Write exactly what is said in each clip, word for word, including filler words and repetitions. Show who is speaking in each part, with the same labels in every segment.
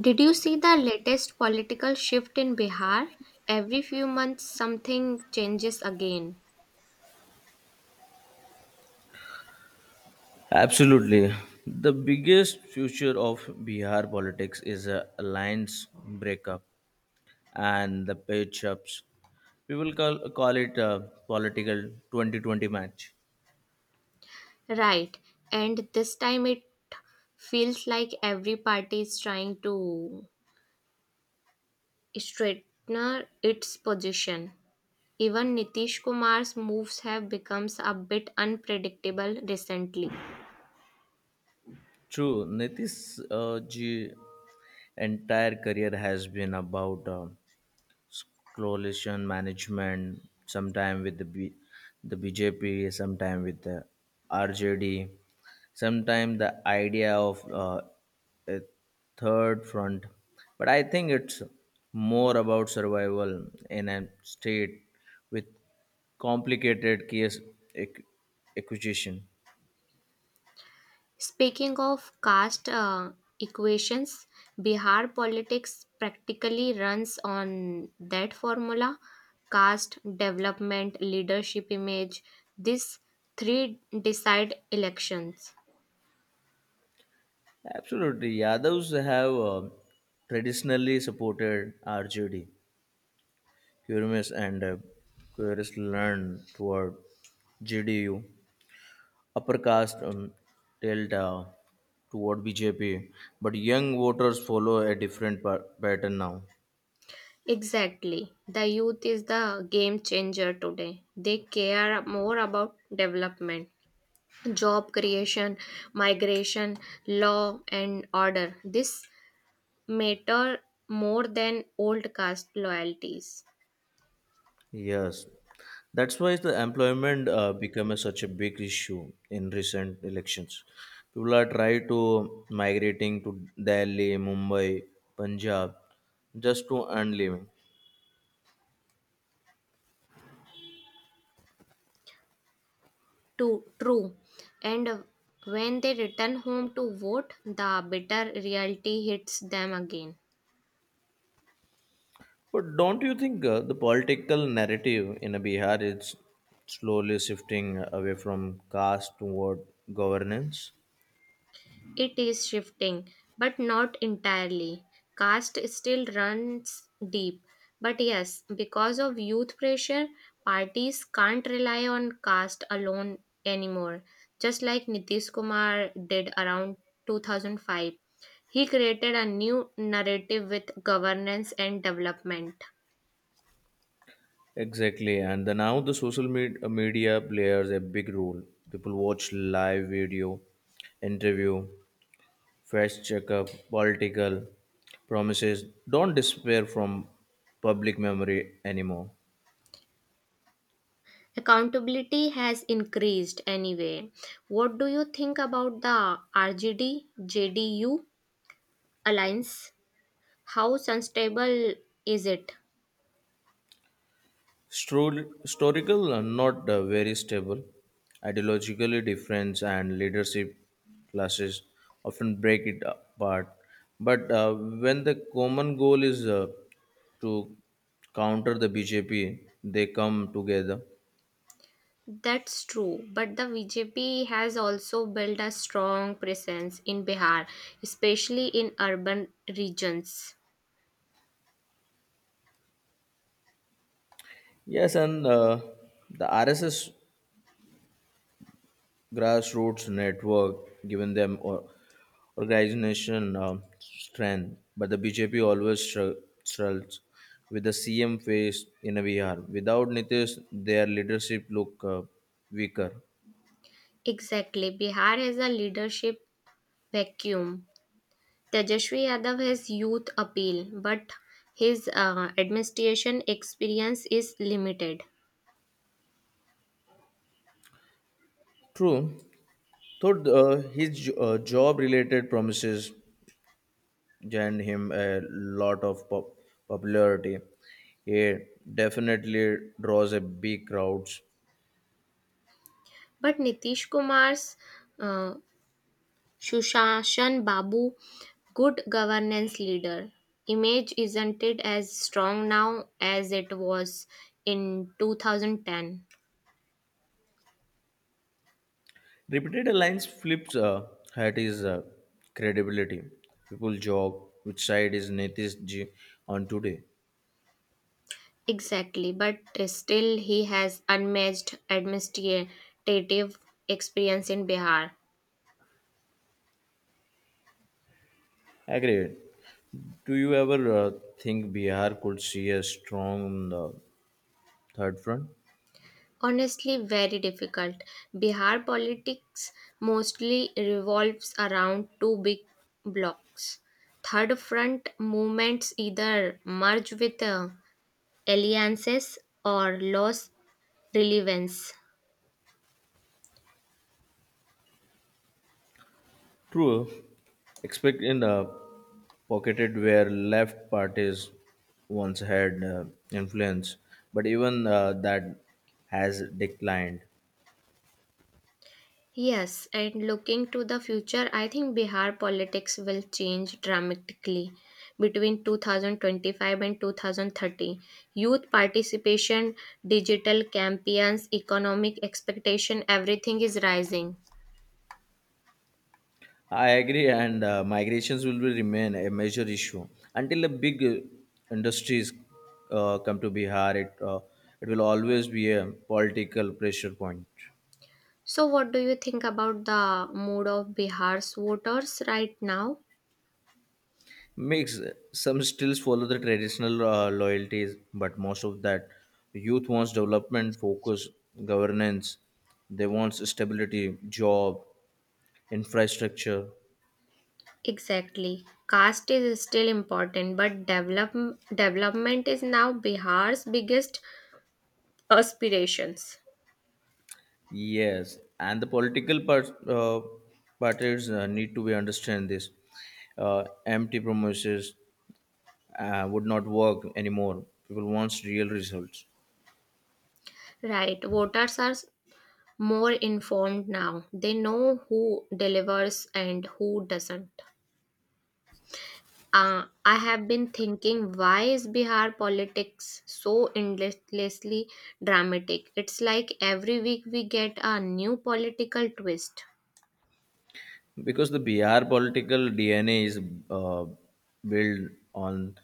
Speaker 1: Did you see the latest political shift in Bihar? Every few months something changes again.
Speaker 2: Absolutely. The biggest future of Bihar politics is a alliance breakup and the page ups. We will call, call it a political twenty twenty match.
Speaker 1: Right, and this time it feels like every party is trying to straighten its position. Even Nitish Kumar's moves have become a bit unpredictable recently.
Speaker 2: True, Nitish's uh, ji entire career has been about uh, coalition management, sometime with the B, the B J P, sometime with the R J D, sometime the idea of uh, a third front. But I think it's more about survival in a state with complicated case ac- acquisition.
Speaker 1: Speaking of caste uh, equations, Bihar politics practically runs on that formula: caste, development, leadership image. These three decide elections.
Speaker 2: Absolutely, Yadavs have uh, traditionally supported R J D Quirinius and uh, Quirinius learned toward J D U. Upper caste um, delta toward B J P, but young voters follow a different pa- pattern now.
Speaker 1: Exactly. The youth is the game changer today. They care more about development, job creation, migration, law, and order. This matter more than old caste loyalties.
Speaker 2: Yes, that's why the employment uh, become a- such a big issue in recent elections. People are try to migrating to Delhi, Mumbai, Punjab just to earn living.
Speaker 1: Too true. And when they return home to vote, the bitter reality hits them again.
Speaker 2: But don't you think uh, the political narrative in uh, Bihar is slowly shifting away from caste toward governance?
Speaker 1: It is shifting, but not entirely. Caste still runs deep. But yes, because of youth pressure, parties can't rely on caste alone anymore. Just like Nitish Kumar did around two thousand five, he created a new narrative with governance and development.
Speaker 2: Exactly, and the, now the social med- uh, media plays a big role. People watch live video, interview, fast checkup, political promises. Don't despair from public memory anymore.
Speaker 1: Accountability has increased anyway. What do you think about the R G D J D U alliance? How unstable is it?
Speaker 2: Stro- historical and not uh, very stable, ideologically different, and leadership classes often break it apart. But uh, when the common goal is uh, to counter the B J P, they come together.
Speaker 1: That's true, but the B J P has also built a strong presence in Bihar, especially in urban regions.
Speaker 2: Yes, and uh, the R S S grassroots network given them or organization um, strength. But the B J P always stru- struggles with the C M face in a V R. Without Nitish, their leadership look uh, weaker.
Speaker 1: Exactly, Bihar has a leadership vacuum. Tejasvi Yadav has youth appeal, but his uh, administration experience is limited.
Speaker 2: True. Third, uh, his jo- uh, job-related promises gained him a lot of pop- popularity. He definitely draws a big crowds.
Speaker 1: But Nitish Kumar's uh, Shushasan Babu, good governance leader, image isn't it as strong now as it was in two thousand ten?
Speaker 2: Repeated lines flips uh, had his uh, credibility. People job, which side is Nitish Ji on today?
Speaker 1: Exactly, but still he has unmatched administrative experience in Bihar.
Speaker 2: Agreed. Do you ever uh, think Bihar could see a strong uh, third front?
Speaker 1: Honestly, very difficult. Bihar politics mostly revolves around two big blocks. Third front movements either merge with uh, alliances or lose relevance.
Speaker 2: True. Expect in uh, pocketed where left parties once had uh, influence, but even uh, that has declined.
Speaker 1: Yes, and looking to the future, I think Bihar politics will change dramatically. Between two thousand twenty-five and two thousand thirty, youth participation, digital campaigns, economic expectation, everything is rising.
Speaker 2: I agree, and uh, migrations will be remain a major issue until the big uh, industries uh, come to Bihar. It uh, it will always be a political pressure point.
Speaker 1: So, what do you think about the mood of Bihar's voters right now?
Speaker 2: Mix, some still follow the traditional uh, loyalties, but most of that youth wants development, focus, governance. They want stability, job, infrastructure.
Speaker 1: Exactly. Caste is still important, but develop, development is now Bihar's biggest aspirations.
Speaker 2: Yes, and the political part, uh, parties uh, need to be understand this. Uh, empty promises uh, would not work anymore. People wants real results.
Speaker 1: Right. Voters are more informed now. They know who delivers and who doesn't. Uh, I have been thinking, why is Bihar politics so endlessly dramatic? It's like every week we get a new political twist.
Speaker 2: Because the Bihar political D N A is uh, built on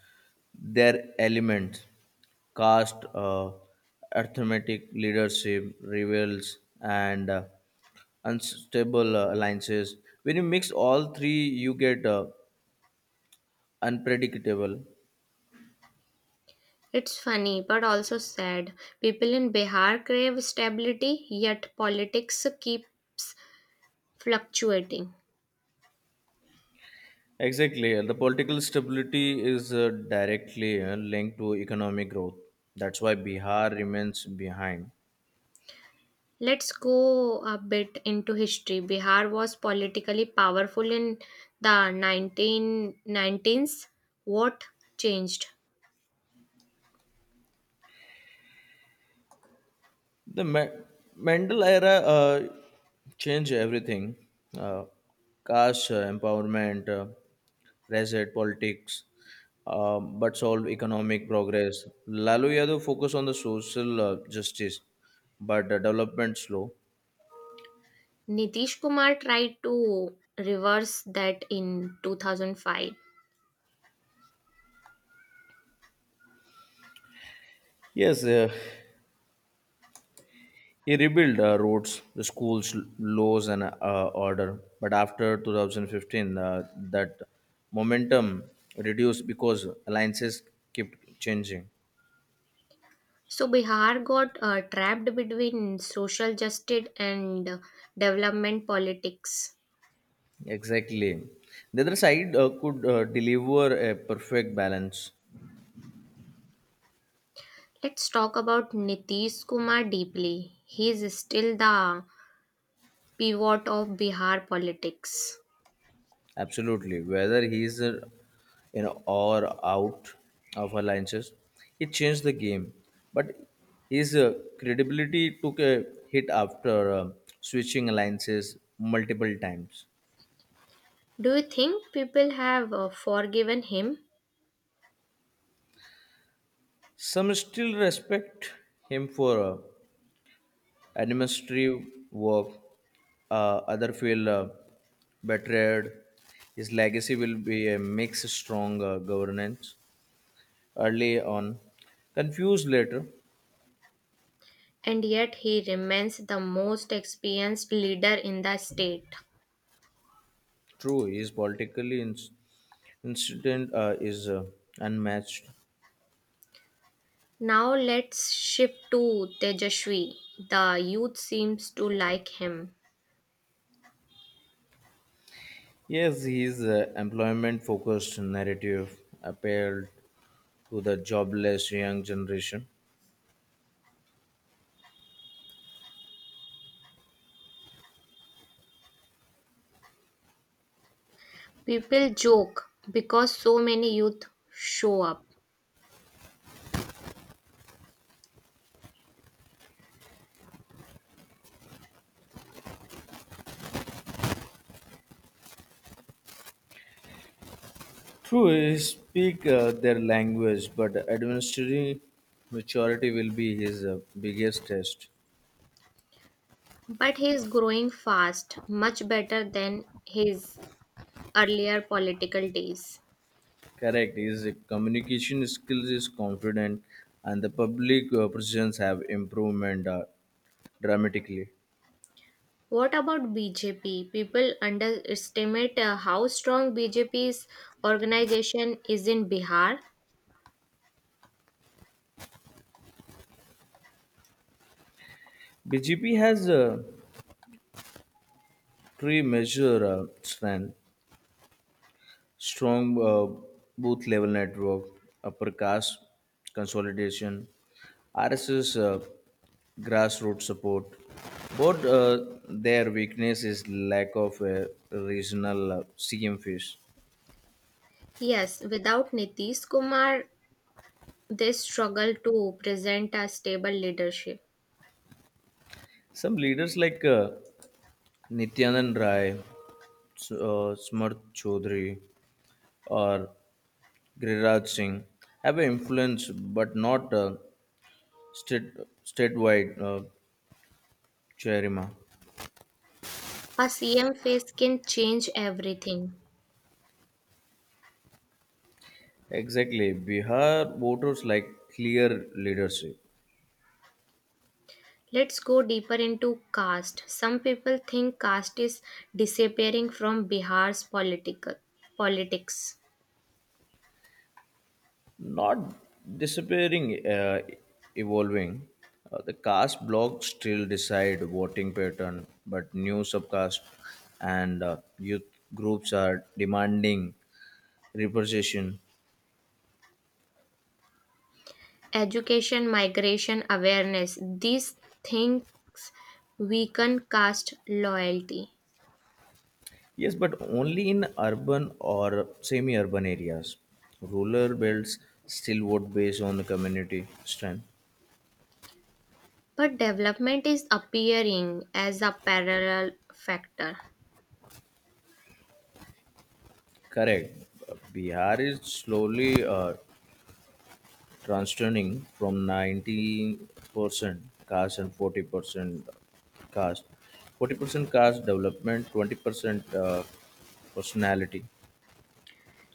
Speaker 2: their elements, caste, uh, arithmetic leadership, rebels, and uh, unstable uh, alliances. When you mix all three, you get uh, unpredictable.
Speaker 1: It's funny but also sad. People in Bihar crave stability, yet politics keeps fluctuating.
Speaker 2: Exactly. And the political stability is uh, directly uh, linked to economic growth. That's why Bihar remains behind.
Speaker 1: Let's go a bit into history. Bihar was politically powerful in the nineteen nineteens. What changed?
Speaker 2: The Ma- Mandal era uh, changed everything, uh, caste uh, empowerment, uh, reset politics, uh, but solved economic progress. Lalu Yadav focused on the social uh, justice, but uh, development slow.
Speaker 1: Nitish Kumar tried to reverse that in two thousand five.
Speaker 2: Yes, uh, He rebuilt uh, roads, the schools, laws, and uh, order. But after twenty fifteen, uh, that momentum reduced because alliances kept changing.
Speaker 1: So Bihar got uh, trapped between social justice and uh, development politics.
Speaker 2: Exactly. The other side uh, could uh, deliver a perfect balance.
Speaker 1: Let's talk about Nitish Kumar deeply. He is still the pivot of Bihar politics.
Speaker 2: Absolutely. Whether he is uh, in or out of alliances, he changed the game. But his uh, credibility took a hit after uh, switching alliances multiple times.
Speaker 1: Do you think people have uh, forgiven him?
Speaker 2: Some still respect him for uh, administrative work. Uh, other feel uh, betrayed. His legacy will be a mix of strong uh, governance early on, confused later.
Speaker 1: And yet he remains the most experienced leader in the state?
Speaker 2: True, his politically ins- incident uh, is uh, unmatched.
Speaker 1: Now let's shift to Tejashvi. The youth seems to like him.
Speaker 2: Yes, his uh, employment focused narrative appealed to the jobless young generation.
Speaker 1: People joke because so many youth show up.
Speaker 2: True, he speak uh, their language, but administrative maturity will be his uh, biggest test.
Speaker 1: But he is growing fast, much better than his earlier political days.
Speaker 2: Correct, his communication skills is confident, and the public uh, presence have improvement uh, dramatically.
Speaker 1: What about B J P? People underestimate uh, how strong BJP's organization is in Bihar.
Speaker 2: B G P has uh, three major uh, strength: strong uh, booth level network, upper caste consolidation, R S S uh, grassroots support, but uh, their weakness is lack of a regional uh, C M face.
Speaker 1: Yes, without Nitish Kumar, they struggle to present a stable leadership.
Speaker 2: Some leaders like uh, Nityanand Rai, S- uh, Smart Chaudhary, or Giriraj Singh have an influence, but not uh, state statewide uh, chairima.
Speaker 1: A C M face can change everything.
Speaker 2: Exactly, Bihar voters like clear leadership.
Speaker 1: Let's go deeper into caste. Some people think caste is disappearing from Bihar's political politics.
Speaker 2: Not disappearing, uh, evolving. Uh, the caste block still decide voting pattern, but new subcaste and uh, youth groups are demanding representation.
Speaker 1: Education, migration, awareness. These things weaken caste loyalty.
Speaker 2: Yes, but only in urban or semi-urban areas. Rural belts still vote based on the community strength.
Speaker 1: But development is appearing as a parallel factor.
Speaker 2: Correct. Bihar is slowly uh, transitioning from ninety percent cash and forty percent cash forty percent cash development twenty percent uh, personality.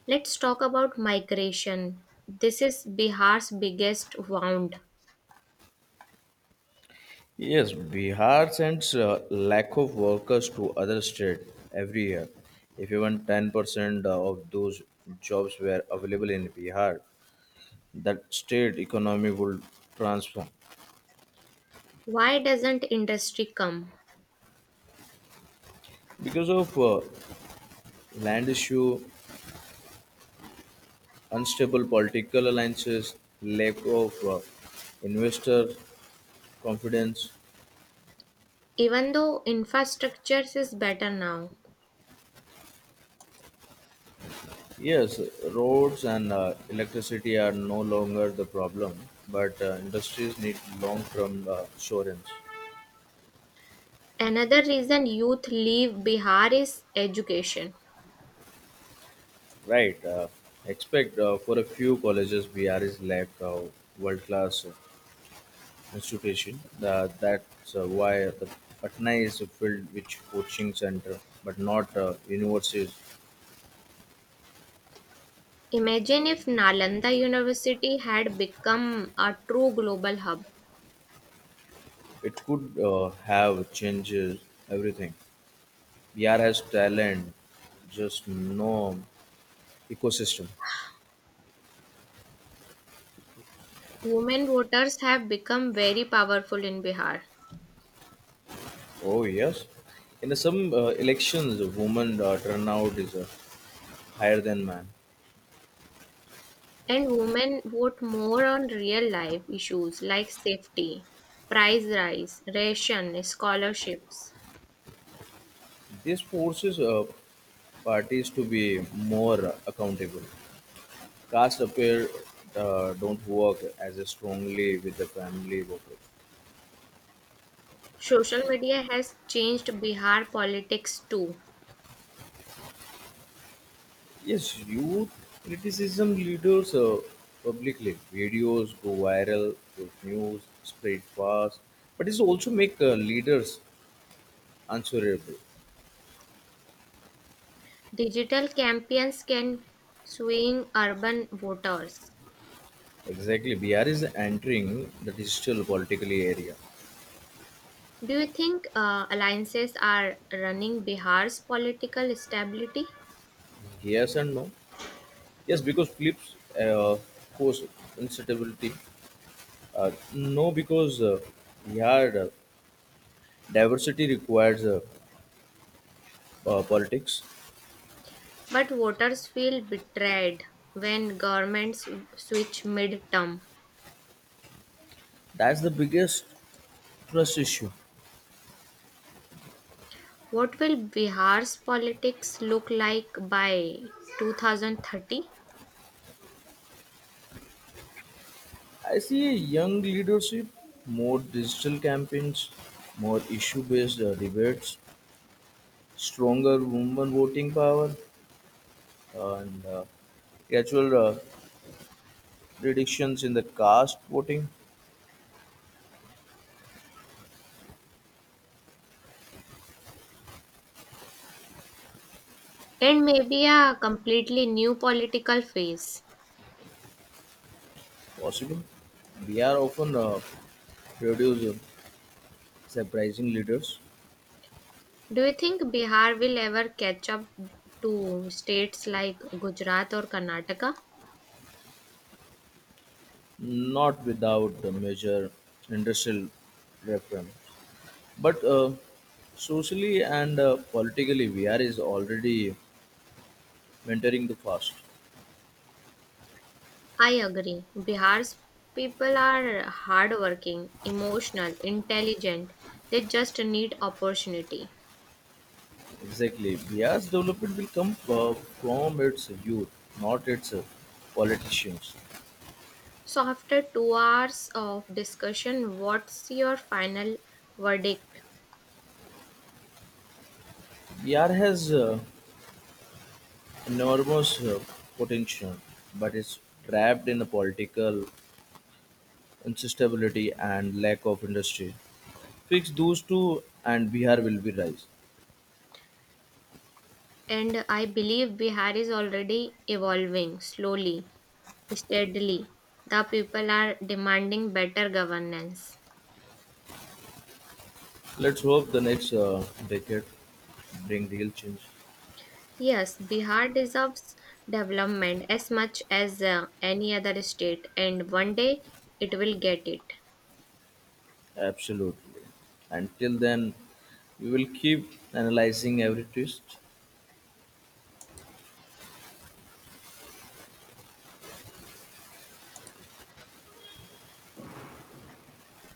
Speaker 1: Let's talk about migration. This is Bihar's biggest wound.
Speaker 2: Yes, Bihar sends uh, lack of workers to other state every year. If even ten percent of those jobs were available in Bihar, that state economy would transform.
Speaker 1: Why doesn't industry come?
Speaker 2: Because of uh, land issue, unstable political alliances, lack of uh, investor confidence.
Speaker 1: Even though infrastructure is better now.
Speaker 2: Yes, roads and uh, electricity are no longer the problem, but uh, industries need long term uh, assurance.
Speaker 1: Another reason youth leave Bihar is education.
Speaker 2: Right. Uh, expect uh, for a few colleges, B R is lack of world class institution. Uh, that's uh, why the Patna is filled with coaching center, but not uh, universities.
Speaker 1: Imagine if Nalanda University had become a true global hub.
Speaker 2: It could uh, have changes everything. V R has talent, just no ecosystem.
Speaker 1: Women voters have become very powerful in Bihar,
Speaker 2: Oh yes, in some uh, elections, women uh, turnout is uh, higher than man.
Speaker 1: and women vote more on real life issues like safety, price rise, ration, scholarships.
Speaker 2: This forces uh, parties to be more accountable. Caste appeal uh, don't work as strongly with the family workers.
Speaker 1: Social media has changed Bihar politics too.
Speaker 2: Yes, youth criticism leaders uh, publicly. Videos go viral, fake news spread fast, but it also make uh, leaders answerable.
Speaker 1: Digital campaigns can swing urban voters.
Speaker 2: Exactly. B R is entering the digital politically area.
Speaker 1: Do you think uh, alliances are running Bihar's political stability?
Speaker 2: Yes and no. Yes, because flips uh, force instability. Uh, no, because uh, yeah, the diversity requires uh, uh, politics.
Speaker 1: But voters feel betrayed when governments switch mid-term.
Speaker 2: That's the biggest trust issue.
Speaker 1: What will Bihar's politics look like by two thousand thirty?
Speaker 2: I see young leadership, more digital campaigns, more issue-based uh, debates, stronger women voting power, and uh, gradual uh, reductions in the caste voting.
Speaker 1: And maybe a completely new political phase.
Speaker 2: Possible. We are often uh, produce uh, surprising leaders.
Speaker 1: Do you think Bihar will ever catch up to states like Gujarat or Karnataka?
Speaker 2: Not without the major industrial reference, but uh, socially and uh, politically, V R is already mentoring the fast.
Speaker 1: I agree. Bihar's people are hardworking, emotional, intelligent. They just need opportunity.
Speaker 2: Exactly, V R's development will come uh, from its youth, not its uh, politicians.
Speaker 1: So, after two hours of discussion, what's your final verdict?
Speaker 2: V R has uh, enormous uh, potential, but is trapped in the political instability and lack of industry. Fix those two, and Bihar will be rise.
Speaker 1: And I believe Bihar is already evolving slowly, steadily. The people are demanding better governance.
Speaker 2: Let's hope the next uh, decade bring real change.
Speaker 1: Yes, Bihar deserves development as much as uh, any other state, and one day it will get it.
Speaker 2: Absolutely. Until then, we will keep analyzing every twist.